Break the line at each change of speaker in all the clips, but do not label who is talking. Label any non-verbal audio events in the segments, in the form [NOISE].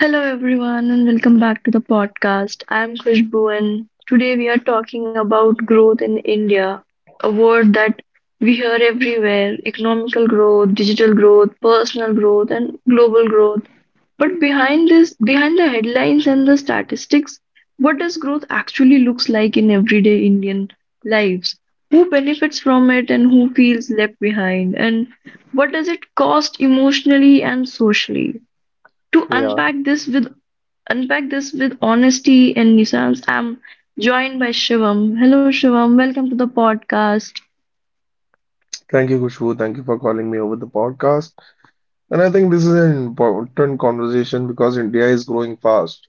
Hello everyone and welcome back to the podcast. I am Khushbu and today we are talking about growth in India, a word that we hear everywhere, economical growth, digital growth, personal growth and global growth. But behind the headlines and the statistics, what does growth actually looks like in everyday Indian lives? Who benefits from it and who feels left behind? And what does it cost emotionally and socially? To
Yeah.
unpack this with honesty and nuance, I'm joined by Shivam. Hello, Shivam. Welcome to the podcast.
Thank you, Kushu. Thank you for calling me over the podcast. And I think this is an important conversation because India is growing fast.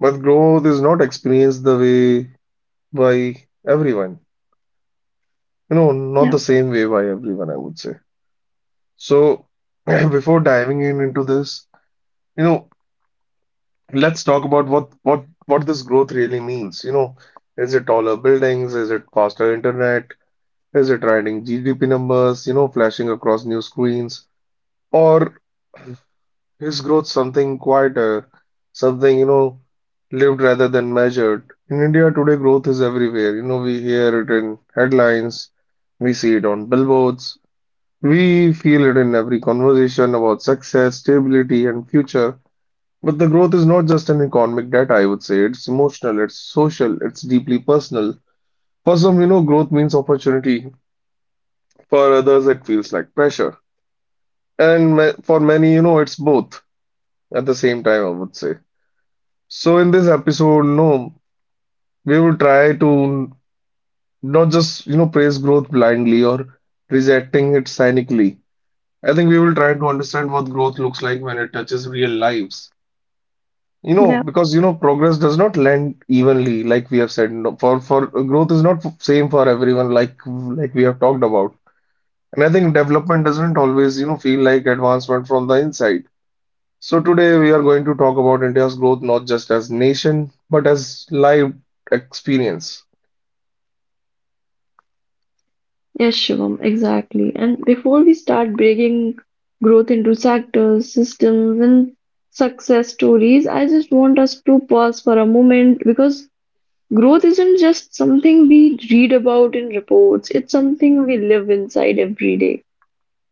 But growth is not experienced the way by everyone. Not
Yeah,
the same way by everyone, I would say. So [CLEARS THROAT] before diving in into this, you know, let's talk about what this growth really means. You know, is it taller buildings? Is it faster internet? Is it riding GDP numbers, you know, flashing across new screens? Or his growth something quieter, something, lived rather than measured. In India today, growth is everywhere. You know, we hear it in headlines, we see it on billboards, we feel it in every conversation about success, stability, and future. But the growth is not just an economic data, I would say. It's emotional, it's social, it's deeply personal. For some, you know, growth means opportunity. For others, it feels like pressure. And for many, you know, it's both at the same time, I would say. So in this episode, no, we will try to not just, you know, praise growth blindly or rejecting it cynically. I think we will try to understand what growth looks like when it touches real lives. You know,
yeah,
because you know, progress does not land evenly, like we have said. No. For growth is not same for everyone, like we have talked about. And I think development doesn't always, you know, feel like advancement from the inside. So today we are going to talk about India's growth not just as nation but as live experience.
yes, Shivam, exactly. And before we start breaking growth into sectors, systems, and success stories, I just want us to pause for a moment because growth isn't just something we read about in reports, it's something we live inside every day.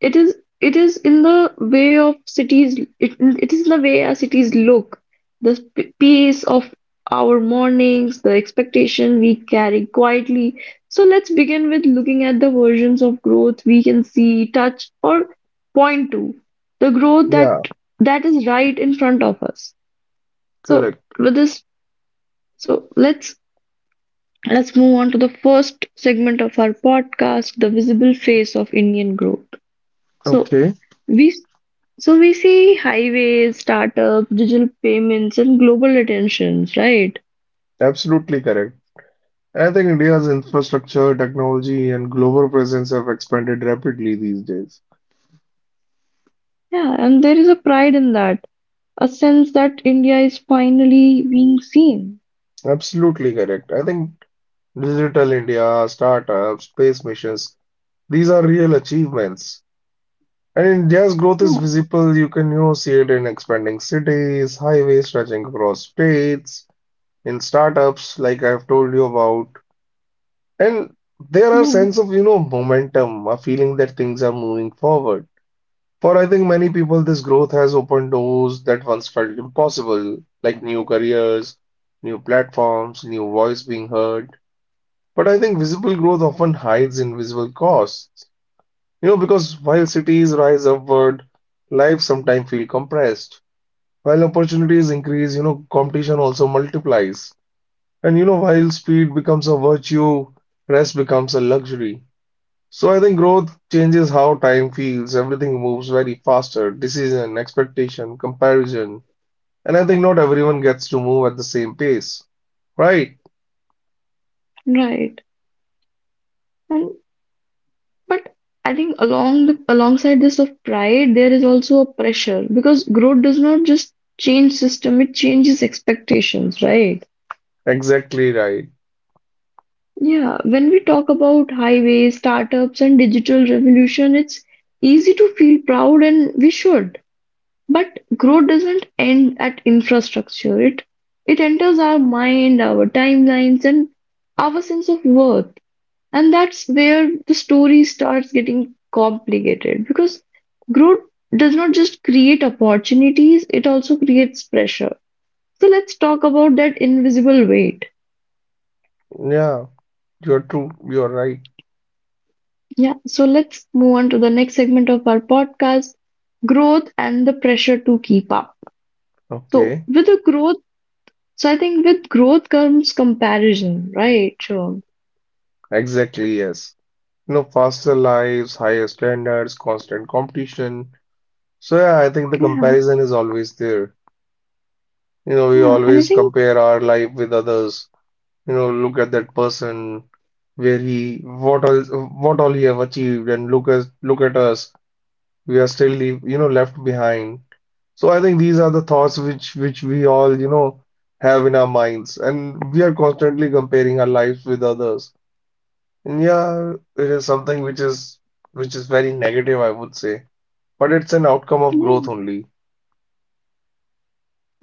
It is it is in the way our cities look, the pace of our mornings, the expectation we carry quietly. So let's begin with looking at the versions of growth we can see, touch, or point to. The growth that
Yeah,
that is right in front of us. So
correct.
with this, so let's move on to the first segment of our podcast, the visible face of Indian growth. So
Okay,
we s- so we see highways, startups, digital payments, and global attentions, right?
absolutely correct. I think India's infrastructure, technology, and global presence have expanded rapidly these days.
Yeah, and there is a pride in that, a sense that India is finally being seen.
Absolutely correct. I think digital India, startups, space missions, these are real achievements. And India's growth is
Yeah,
visible. You can, you know, see it in expanding cities, highways stretching across states, in startups, like I've told you about. And there are
yeah,
sense of, you know, momentum, a feeling that things are moving forward. For I think many people, this growth has opened doors that once felt impossible, like new careers, new platforms, new voice being heard. But I think visible growth often hides invisible costs. You know, because while cities rise upward, lives sometimes feel compressed. While opportunities increase, you know, competition also multiplies. And you know, while speed becomes a virtue, rest becomes a luxury. So I think growth changes how time feels. Everything moves very faster. Decision, expectation, comparison. And I think not everyone gets to move at the same pace. Right.
right. And but I think alongside this of pride, there is also a pressure because growth does not just change system, it changes expectations, right?
Exactly right.
Yeah, when we talk about highways, startups, and digital revolution, it's easy to feel proud and we should. But growth doesn't end at infrastructure. It enters our mind, our timelines, and our sense of worth. And that's where the story starts getting complicated because growth does not just create opportunities, it also creates pressure. So let's talk about that invisible weight.
Yeah, you're true. You're right.
Yeah, so let's move on to the next segment of our podcast, growth and the pressure to keep up. So,
Okay.
with the growth, so, I think with growth comes comparison, right? So,
Exactly, yes. You know, faster lives, higher standards, constant competition. So yeah, I think the
yeah,
comparison is always there. You know, we
yeah, and I
always
think,
compare our life with others. You know, look at that person, where he, what all what all he have achieved, and look at, look at us, we are still leave, you know, left behind. So I think these are the thoughts which we all, you know, have in our minds, and we are constantly comparing our lives with others. And yeah, it is something which is, which is very negative, I would say, but it's an outcome of
yeah,
growth only.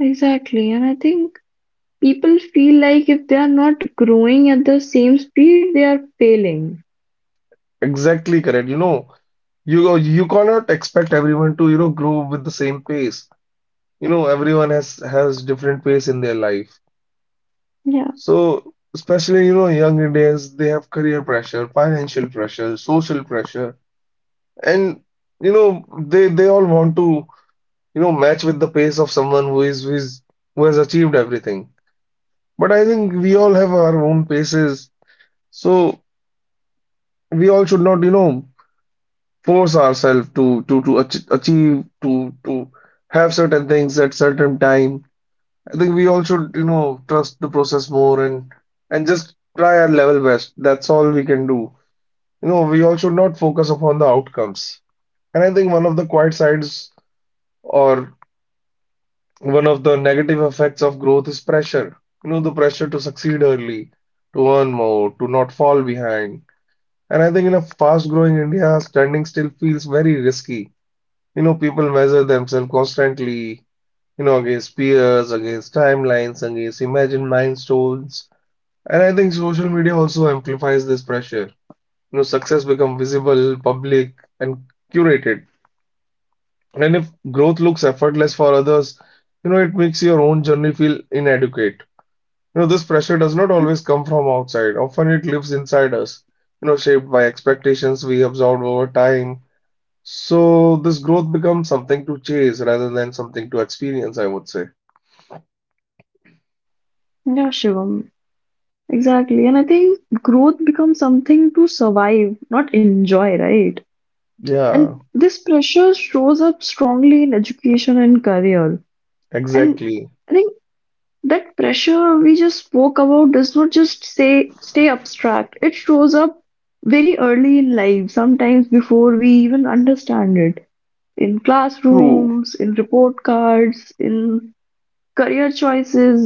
exactly. And I think people feel like if they are not growing at the same speed, they are failing.
Exactly correct. You know, you cannot expect everyone to, you know, grow with the same pace. You know, everyone has different pace in their life.
Yeah,
So especially, you know, young Indians, they have career pressure, financial pressure, social pressure. And, you know, they all want to, you know, match with the pace of someone who is, who has achieved everything. But I think we all have our own paces. So we all should not, you know, force ourselves to achieve, to to have certain things at certain time. I think we all should, you know, trust the process more and just try our level best. That's all we can do. You know, we all should not focus upon the outcomes. And I think one of the quiet sides or one of the negative effects of growth is pressure. You know, the pressure to succeed early, to earn more, to not fall behind. And I think in a fast-growing India, standing still feels very risky. You know, people measure themselves constantly, you know, against peers, against timelines, against imagined milestones. And I think social media also amplifies this pressure. You know, success becomes visible, public, and curated. And if growth looks effortless for others, you know, it makes your own journey feel inadequate. You know, this pressure does not always come from outside. Often it lives inside us, you know, shaped by expectations we absorb over time. So this growth becomes something to chase rather than something to experience, I would say.
yeah, Shivam, exactly. And I think growth becomes something to survive, not enjoy, right? And
Yeah,
this pressure shows up strongly in education and career. And
exactly.
I think that pressure we just spoke about does not just say stay abstract. It shows up very early in life, sometimes before we even understand it. In
True.
classrooms, in report cards, in career choices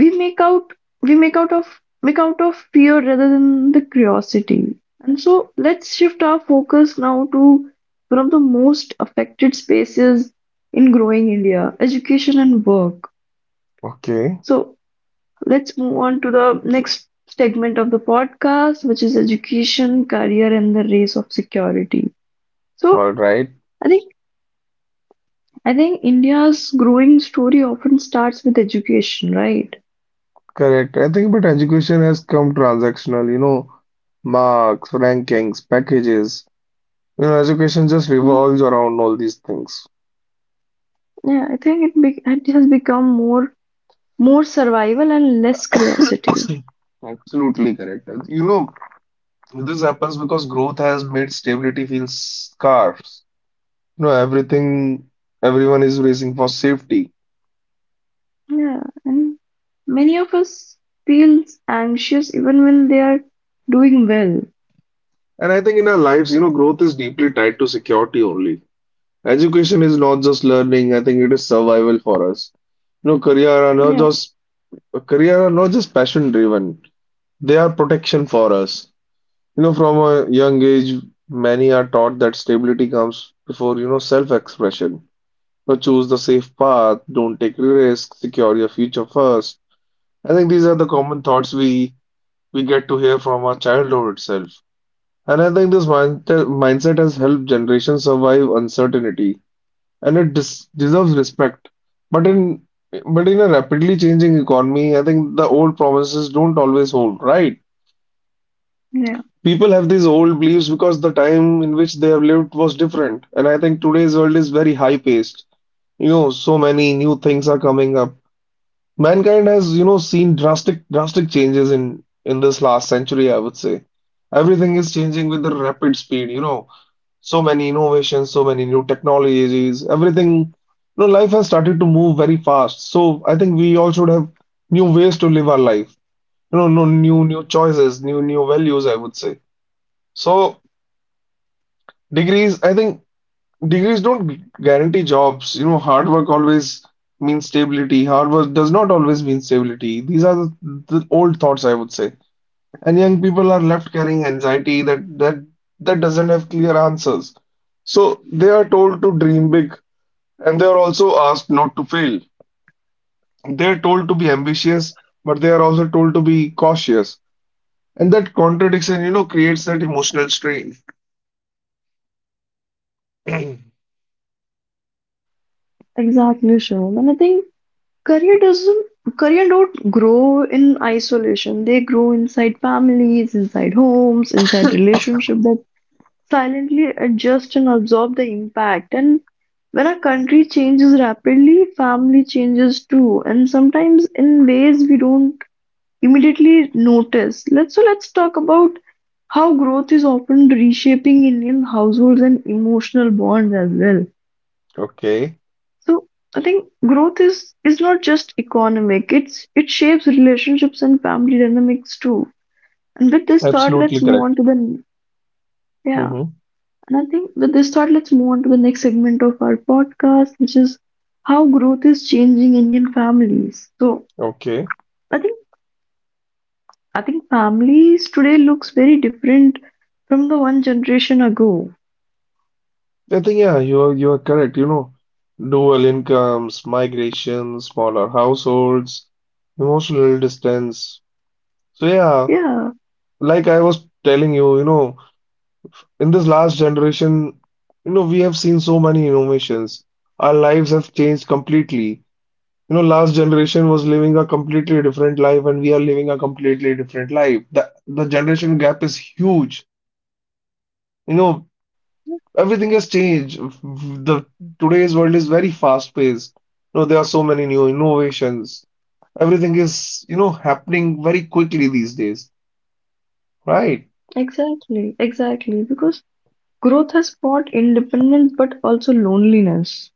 we make out we make out of fear rather than the curiosity. And so let's shift our focus now to one of the most affected spaces in growing India, education and work.
Okay.
So let's move on to the next segment of the podcast, which is education, career and the race of security. So
All right.
i think I think India's growing story often starts with education, right?
Correct. I think but education has come transactional, you know, marks, rankings, packages. You know, education just revolves around all these things.
Yeah, I think it has become more survival and less curiosity.
[COUGHS] Absolutely correct. You know, this happens because growth has made stability feel scarce. You know, everything, everyone is racing for safety.
Yeah, and many of us feels anxious even when they are doing well.
And I think in our lives, you know, growth is deeply tied to security only. Education is not just learning, I think it is survival for us. You know, career are not
Yeah,
just A career are not just passion driven, they are protection for us. You know, from a young age, many are taught that stability comes before, you know, self expression. So choose the safe path, don't take risks, secure your future first. I think these are the common thoughts we get to hear from our childhood itself. And I think this mindset has helped generations survive uncertainty and it des deserves respect. But in but in a rapidly changing economy, I think the old promises don't always hold, right?
yeah,
People have these old beliefs because the time in which they have lived was different, and I think today's world is very high-paced. You know, so many new things are coming up. Mankind has, you know, seen drastic changes in this last century, I would say. Everything is changing with the rapid speed, you know. So many innovations, so many new technologies, everything, you know, life has started to move very fast. So I think we all should have new ways to live our life. You know, no new choices, new values, I would say. So degrees, I think Degrees don't guarantee jobs. You know, hard work always means stability. Hard work does not always mean stability. These are the old thoughts, I would say. And young people are left carrying anxiety that doesn't have clear answers. So they are told to dream big, and they are also asked not to fail. They are told to be ambitious, but they are also told to be cautious. And that contradiction, you know, creates that emotional strain. [CLEARS THROAT]
exactly, Shivam. And I think career doesn't career don't grow in isolation. They grow inside families, inside homes, inside relationship that silently adjust and absorb the impact. And when a country changes rapidly, family changes too, and sometimes in ways we don't immediately notice. Let's so let's talk about how growth is often reshaping Indian households and emotional bonds as well.
Okay,
So I think growth is not just economic. It shapes relationships and family dynamics too. And with this thought,
absolutely
let's move
correct.
on to the Yeah.
Mm-hmm.
And I think with this thought, let's move on to the next segment of our podcast, which is how growth is changing Indian families. So
Okay.
I think I think families today looks very different from the one generation ago.
I think yeah, you're correct. You know, dual incomes, migration, smaller households, emotional distance. So yeah,
Yeah,
like I was telling you, you know, in this last generation, you know, we have seen so many innovations. Our lives have changed completely. You know, last generation was living a completely different life, and we are living a completely different life. The generation gap is huge. You know, everything has changed. The today's world is very fast paced. You know, there are so many new innovations. Everything is, you know, happening very quickly these days, right?
exactly, exactly. Because growth has brought independence but also loneliness.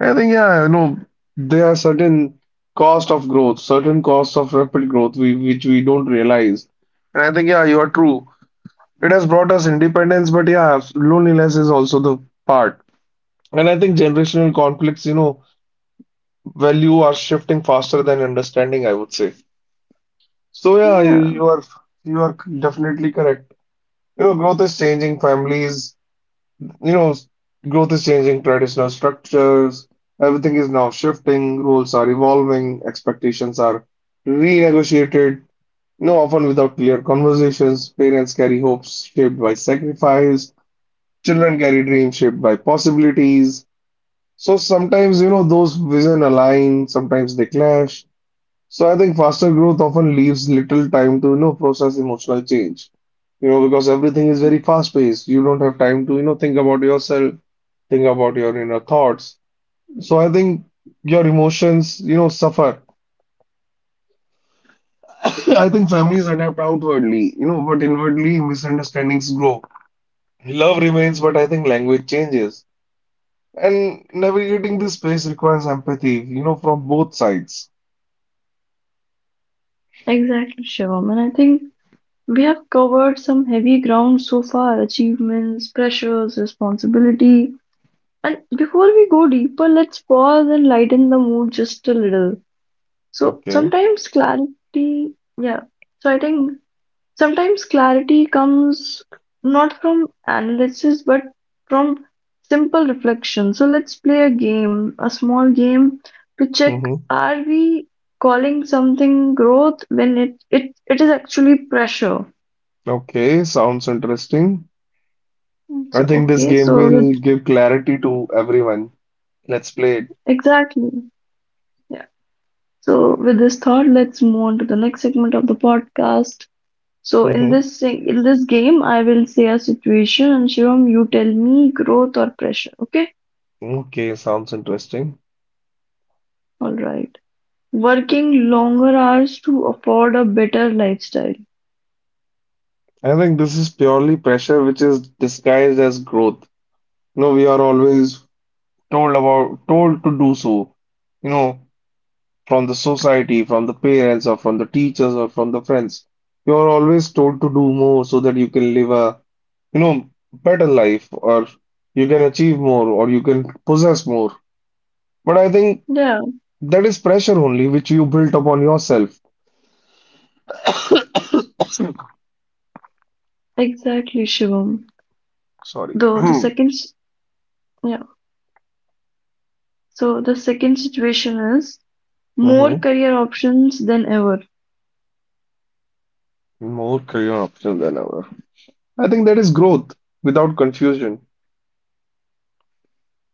I think, yeah, you know, there are certain cost of growth, certain costs of rapid growth we, which we don't realize. And I think, yeah, you are true. It has brought us independence, but yeah, loneliness is also the part. And I think generational conflicts, you know, value are shifting faster than understanding, I would say. So yeah, you,
Yeah,
you are you are definitely correct. You know, growth is changing families, you know, growth is changing traditional structures. Everything is now shifting. Roles are evolving, expectations are renegotiated, you know, often without clear conversations. Parents carry hopes shaped by sacrifice, children carry dreams shaped by possibilities. So sometimes, you know, those vision align, sometimes they clash. So I think faster growth often leaves little time to, you know, process emotional change. You know, because everything is very fast paced. You don't have time to, you know, think about yourself, think about your inner thoughts. So I think your emotions, you know, suffer. [COUGHS] I think families adapt outwardly, you know, but inwardly misunderstandings grow. Love remains, but I think language changes. And navigating this space requires empathy, you know, from both sides.
exactly, Shivam. And I think we have covered some heavy ground so far, achievements, pressures, responsibility. And before we go deeper, let's pause and lighten the mood just a little. So
Okay.
sometimes clarity, yeah. So I think sometimes clarity comes not from analysis but from simple reflection. So let's play a game, a small game to check
Mm-hmm.
are we calling something growth when it is actually pressure.
Okay, sounds interesting.
Mm.
I
So
think this
okay,
game
so with
will give clarity to everyone. Let's play it.
exactly. Yeah. So with this thought, let's move on to the next segment of the podcast. So
Hmm.
in this game, I will say a situation, and Shivam, you tell me growth or pressure. Okay?
Okay, sounds interesting.
All right. Working longer hours to afford a better lifestyle.
I think this is purely pressure which is disguised as growth. You know, we are always told to do so, you know, from the society, from the parents or from the teachers or from the friends. You are always told to do more so that you can live a, better life or you can achieve more or you can possess more. But I think
Yeah,
That is pressure only which you built upon yourself. [COUGHS]
exactly, Shivam.
Sorry.
Though the
[CLEARS THROAT]
second, s- Yeah. So the second situation is more
hmm
career options than ever.
More career options than ever. I think that is growth without confusion.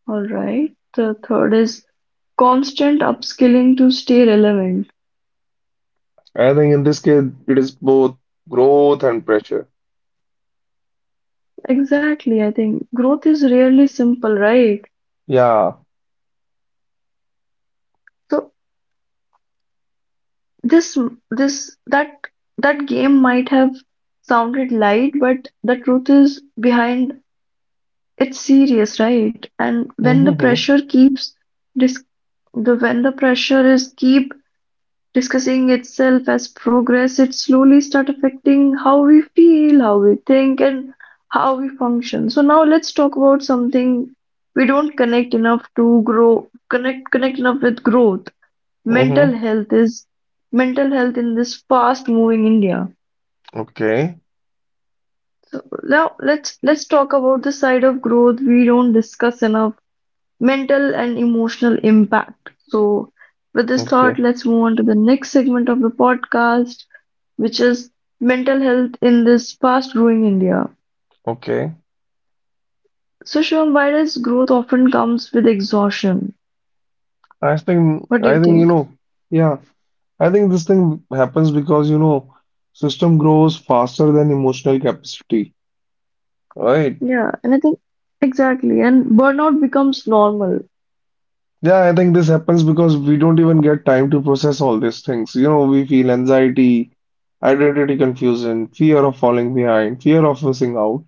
All right. The third is constant upskilling to stay relevant.
I think in this case, it is both growth and pressure.
Exactly, I think growth is really simple, right?
Yeah.
So this this that that game might have sounded light, but the truth is behind it's serious, right? And when the
hmm
pressure keeps dis the when the pressure is keep discussing itself as progress, it slowly start affecting how we feel, how we think, and how we function. So now let's talk about something we don't connect enough to grow, connect connect enough with growth. Mental
hmm
health is Mental health in this fast moving India.
Okay.
So now let's talk about the side of growth we don't discuss enough, mental and emotional impact. So, with this thought,
Okay.
let's move on to the next segment of the podcast, which is mental health in this fast growing India.
Okay.
So, Shivam, why does growth often comes with exhaustion?
I think,
What do
I
you
think, you
think?
know, yeah, I think this thing happens because, system grows faster than emotional capacity, right?
Yeah, and I think exactly, and burnout becomes normal.
Yeah, I think this happens because we don't even get time to process all these things. You know, we feel anxiety, identity confusion, fear of falling behind, fear of missing out.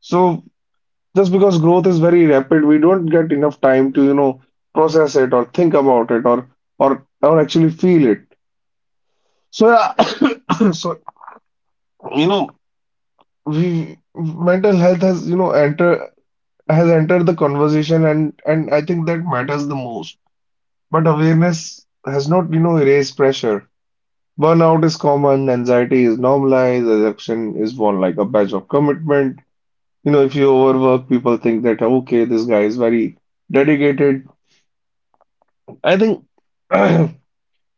So just because growth is very rapid, we don't get enough time to, process it or think about it or or actually feel it. So yeah, [COUGHS] so you know, we mental health has, entered the conversation and I think that matters the most. But awareness has not, erased pressure. Burnout is common, anxiety is normalized, exhaustion is worn like a badge of commitment. You know, if you overwork, people think that, okay, this guy is very dedicated. I think [CLEARS THROAT]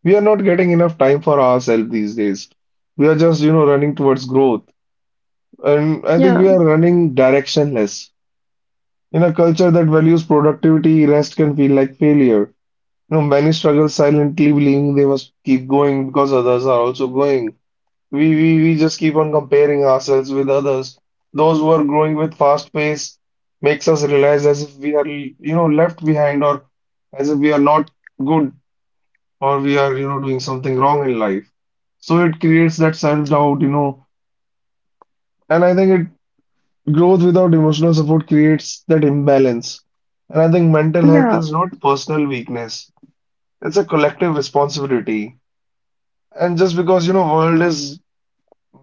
we are not getting enough time for ourselves these days. We are just, running towards growth. And I think
Yeah,
we are running directionless. In a culture that values productivity, rest can feel like failure. You know, many struggle silently, believing they must keep going because others are also going. We just keep on comparing ourselves with others. Those who are growing with fast pace makes us realize as if we are, left behind or as if we are not good or we are, doing something wrong in life. So it creates that self-doubt, and I think it growth without emotional support creates that imbalance. And I think mental health
yeah,
is not personal weakness. It's a collective responsibility. And just because, world is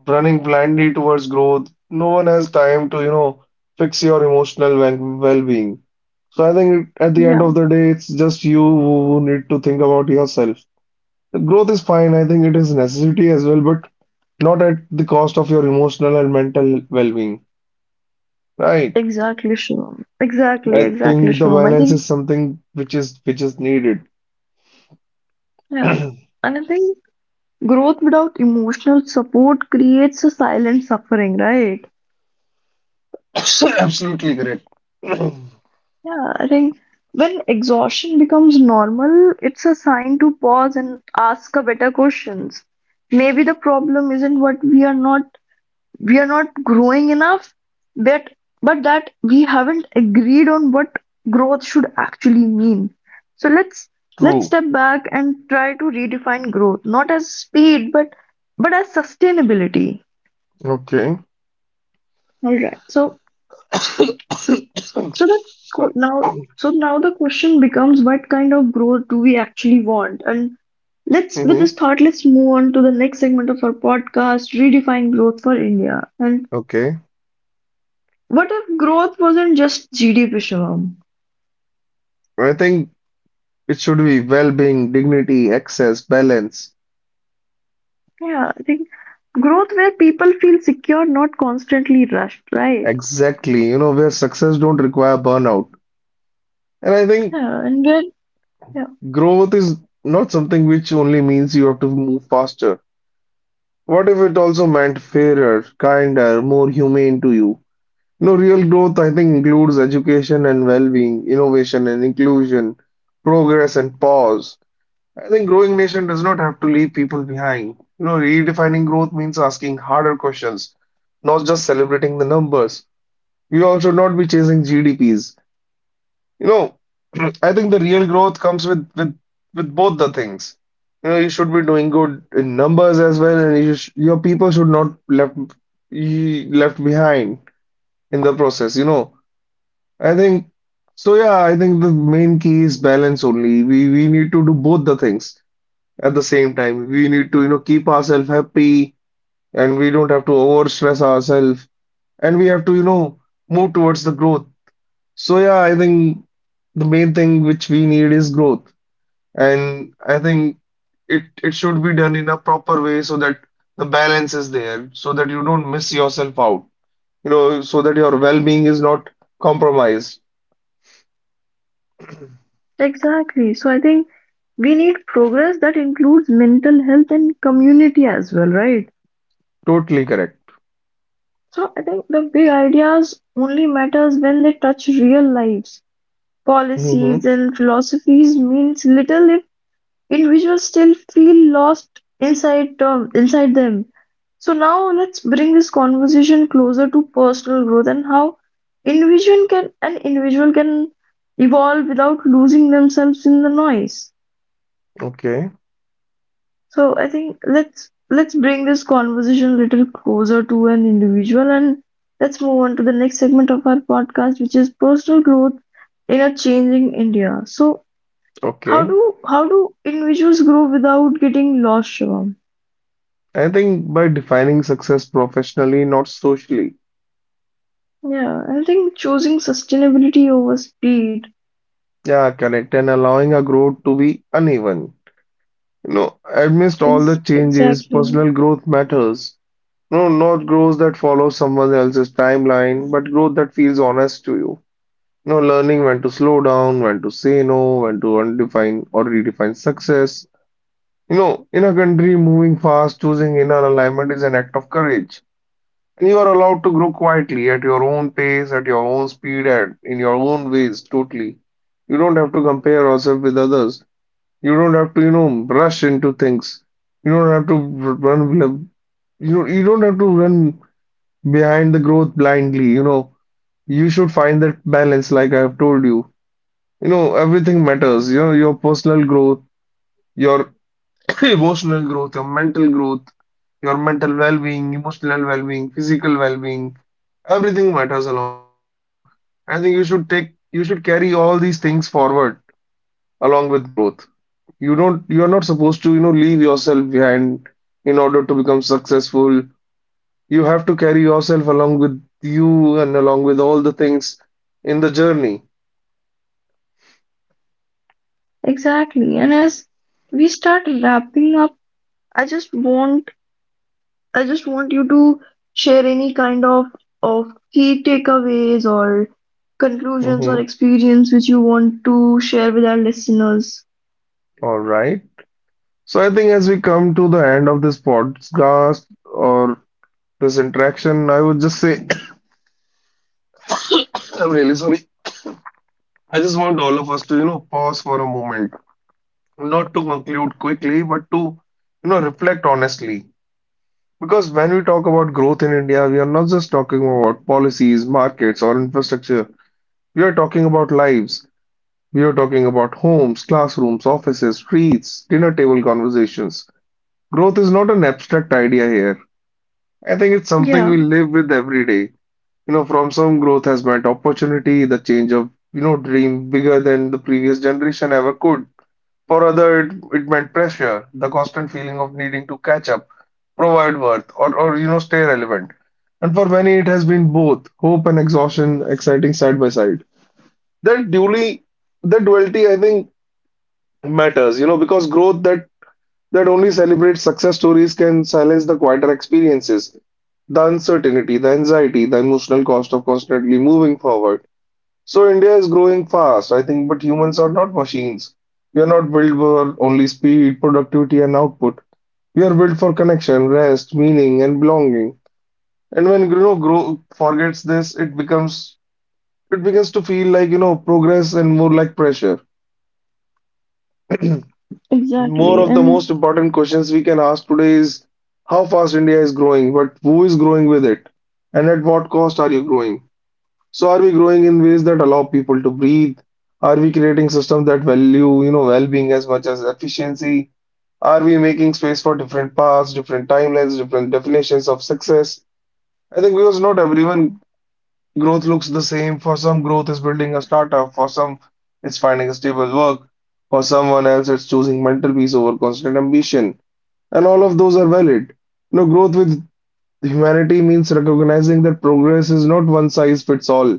running blindly towards growth. No one has time to, fix your emotional well being. So I think at the end
yeah,
of the day, it's just you who need to think about yourself. The growth is fine. I think it is necessity as well, but not at the cost of your emotional and mental well being. Right.
exactly, Shivam. Exactly,
I
exactly,
think the
Shivam.
balance is something which is needed.
Yeah,
[COUGHS]
and I think growth without emotional support creates a silent suffering, right?
Absolutely correct. [COUGHS]
Yeah, I think when exhaustion becomes normal, it's a sign to pause and ask a better questions. Maybe the problem isn't what we are not growing enough, but but that we haven't agreed on what growth should actually mean. So let's
True.
step back and try to redefine growth, not as speed, but as sustainability.
Okay.
All right. So the
[COUGHS]
qu-
Sorry.
now so now the question becomes what kind of growth do we actually want? And let's with this
Hmm
thought, let's move on to the next segment of our podcast, Redefine Growth for India. And
Okay.
what if growth wasn't just GDP, Shivam?
I think it should be well-being, dignity, access, balance.
Yeah, I think growth where people feel secure, not constantly rushed, right?
Exactly. You know, where success don't require burnout. And I think
Yeah, and where yeah,
growth is not something which only means you have to move faster. What if it also meant fairer, kinder, more humane to you? You know, real growth, I think, includes education and well-being, innovation and inclusion, progress and pause. I think growing nation does not have to leave people behind. You know, redefining growth means asking harder questions, not just celebrating the numbers. You all should not be chasing GDPs. You know, [CLEARS THROAT] I think the real growth comes with both the things. You know, you should be doing good in numbers as well, and your people should not left be left behind in the process. I think so. Yeah, I think the main key is balance only. We need to do both the things at the same time. We need to keep ourselves happy, and we don't have to over stress ourselves, and we have to move towards the growth. So yeah, I think the main thing which we need is growth. And I think it should be done in a proper way so that the balance is there, so that you don't miss yourself out. You know, so that your well-being is not compromised.
exactly. So I think we need progress that includes mental health and community as well, right?
Totally correct.
So I think the big ideas only matters when they touch real lives. Policies
Hmm
and philosophies means little if individuals still feel lost inside term inside them. So now let's bring this conversation closer to personal growth and how individual can an individual can evolve without losing themselves in the noise.
Okay.
So I think let's bring this conversation a little closer to an individual and let's move on to the next segment of our podcast, which is personal growth in a changing India. So
Okay.
how do individuals grow without getting lost, Shivam?
I think by defining success professionally, not socially.
Yeah, I think choosing sustainability over speed
Yeah, correct. And allowing a growth to be uneven. You know, amidst all the
is
changes, personal growth matters. No, not growth that follows someone else's timeline, but growth that feels honest to you. No, learning when to slow down, when to say no, when to undefine or redefine success. You know, in a country moving fast, choosing inner alignment is an act of courage. And you are allowed to grow quietly at your own pace, at your own speed, and in your own ways, totally. You don't have to compare yourself with others. You don't have to, rush into things. You don't have to run, you don't have to run behind the growth blindly. You know, you should find that balance, like I have told you. You know, everything matters. You know, your personal growth, your [COUGHS] [CLEARS THROAT] emotional growth, your mental well-being, emotional well-being, physical well-being, everything matters along with growth. So I think you should carry all these things forward along with growth. You are not supposed to, leave yourself behind in order to become successful. You have to carry yourself along with you and along with all the things in the journey.
exactly. And as we start wrapping up, I just want I just want you to share any kind of key takeaways or conclusions or
Mm-hmm.
experience which you want to share with our listeners.
All right. So I think as we come to the end of this podcast or this interaction, I would just say [COUGHS] I'm really sorry. I just want all of us to, pause for a moment, not to conclude quickly, but to, reflect honestly. Because when we talk about growth in India, we are not just talking about policies, markets, or infrastructure. We are talking about lives. We're talking about homes, classrooms, offices, streets, dinner table conversations. Growth is not an abstract idea here. I think it's something
Yeah,
we live with every day. You know, from some growth has meant opportunity, the change of, dream bigger than the previous generation ever could. For other, it meant pressure, the constant feeling of needing to catch up, provide worth, or, stay relevant. And for many, it has been both hope and exhaustion, exciting side by side. That dually, that duality, I think matters, you know, because growth that that only celebrates success stories can silence the quieter experiences, the uncertainty, the anxiety, the emotional cost of constantly moving forward. So India is growing fast, I think, but humans are not machines. We are not built for only speed, productivity, and output. We are built for connection, rest, meaning, and belonging. And when grow forgets this, it begins to feel like progress and more like pressure. [CLEARS THROAT] More
exactly.
of the
And
most important questions we can ask today is how fast India is growing, but who is growing with it? And at what cost are you growing? So are we growing in ways that allow people to breathe? Are we creating systems that value, well-being as much as efficiency? Are we making space for different paths, different timelines, different definitions of success? I think because not everyone growth looks the same. For some, growth is building a startup. For some, it's finding a stable work. For someone else, it's choosing mental peace over constant ambition. And all of those are valid. No growth with humanity means recognizing that progress is not one size fits all.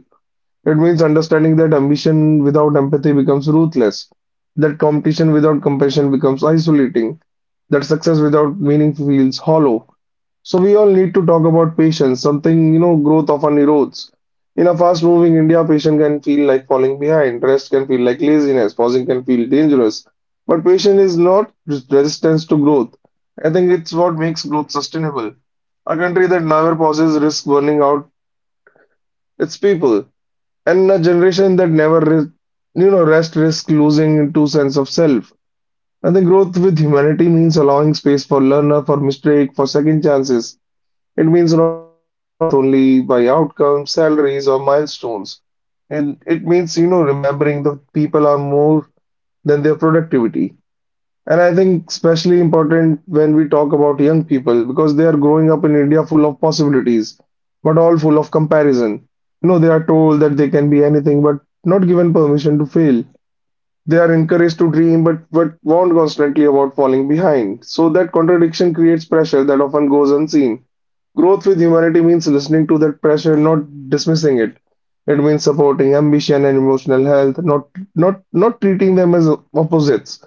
It means understanding that ambition without empathy becomes ruthless, that competition without compassion becomes isolating, that success without meaning feels hollow. So we all need to talk about patience, something growth often erodes. In a fast-moving India, patience can feel like falling behind, rest can feel like laziness, pausing can feel dangerous. But patience is not resistance to growth. I think it's what makes growth sustainable. A country that never pauses risks burning out its people, and a generation that never rest risks losing to sense of self. I think growth with humanity means allowing space for learner, for mistake, for second chances. It means not measuring worth only by outcomes, salaries, or milestones. And it means, remembering that people are more than their productivity. And I think especially important when we talk about young people because they are growing up in India full of possibilities, but all full of comparison. You know, they are told that they can be anything, but not given permission to fail. They are encouraged to dream, but warned constantly about falling behind. So that contradiction creates pressure that often goes unseen. Growth with humanity means listening to that pressure, not dismissing it. It means supporting ambition and emotional health, not treating them as opposites.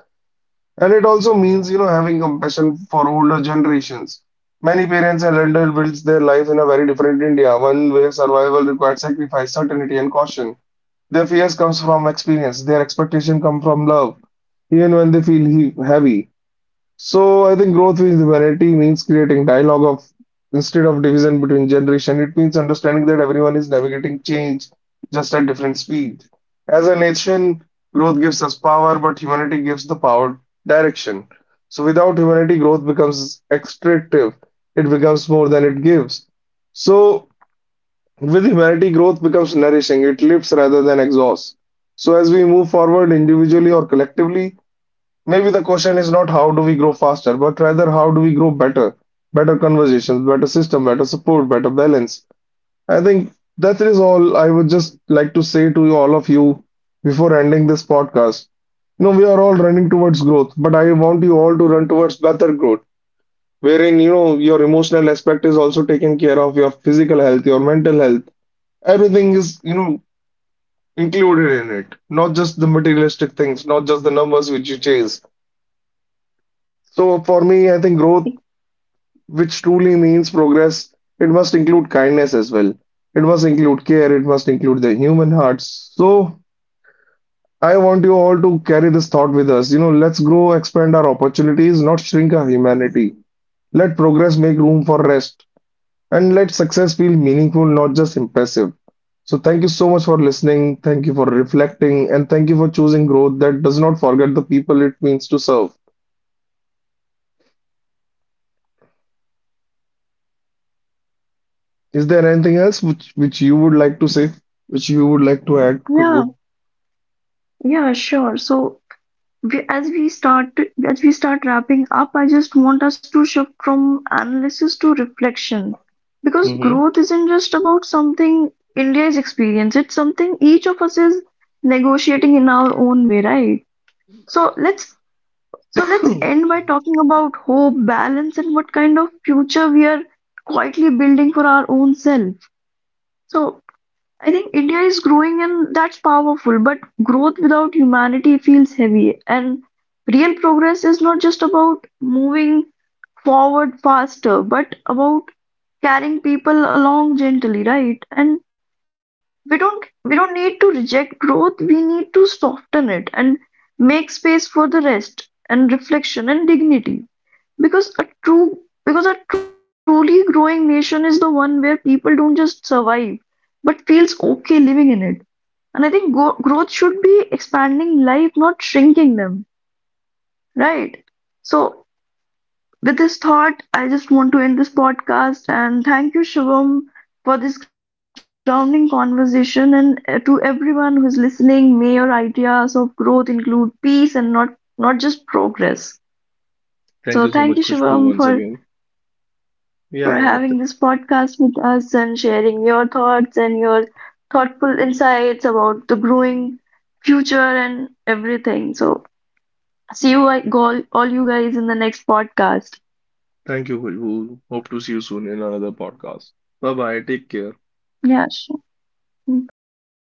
And it also means, having compassion for older generations. Many parents and elder builds their lives in a very different India, one where survival requires sacrifice, certainty, and caution. Their fears comes from experience. Their expectation come from love, even when they feel heavy. So I think growth with variety means creating dialogue of instead of division between generation. It means understanding that everyone is navigating change just at different speed. As a nation, growth gives us power, but humanity gives the power direction. So without humanity, growth becomes extractive. It becomes more than it gives. So with humanity, growth becomes nourishing. It lifts rather than exhausts. So as we move forward individually or collectively, maybe the question is not how do we grow faster, but rather how do we grow better? Better conversations, better system, better support, better balance. I think that is all I would just like to say to you, all of you before ending this podcast. You know, we are all running towards growth, but I want you all to run towards better growth, wherein, your emotional aspect is also taken care of, your physical health, your mental health. Everything is, included in it, not just the materialistic things, not just the numbers which you chase. So for me, I think growth which truly means progress, it must include kindness as well. It must include care. It must include the human hearts. So I want you all to carry this thought with us. You know, let's grow, expand our opportunities, not shrink our humanity. Let progress make room for rest, and let success feel meaningful, not just impressive. So thank you so much for listening. Thank you for reflecting, and thank you for choosing growth that does not forget the people it means to serve. Is there anything else which you would like to say, which you would like to add,
yeah,
Kushbu?
yeah, sure. So we, as we start wrapping up, I just want us to shift from analysis to reflection because
Mm-hmm.
growth isn't just about something India is experiencing, it's something each of us is negotiating in our own way, right? So let's So let's end by talking about hope, balance, and what kind of future we are quietly building for our own self. So I think India is growing and that's powerful, but growth without humanity feels heavy. And real progress is not just about moving forward faster, but about carrying people along gently, right? And we don't need to reject growth, we need to soften it and make space for the rest and reflection and dignity. Because a true because a truly growing nation is the one where people don't just survive, but feels okay living in it. And I think go growth should be expanding life, not shrinking them, right? So with this thought, I just want to end this podcast and thank you, Shivam, for this grounding conversation. And to everyone who's listening, may your ideas of growth include peace and not just progress.
Thank
So
you so
thank
much,
you,
Khushbu,
Shivam,
once again. Yeah,
for
yeah. Th
having this podcast with us and sharing your thoughts and your thoughtful insights about the growing future and everything. So, see you all, you guys in the next podcast.
thank you, Khushbu. Hope to see you soon in another podcast. Bye bye. Take care.
Yeah, sure. Bye bye.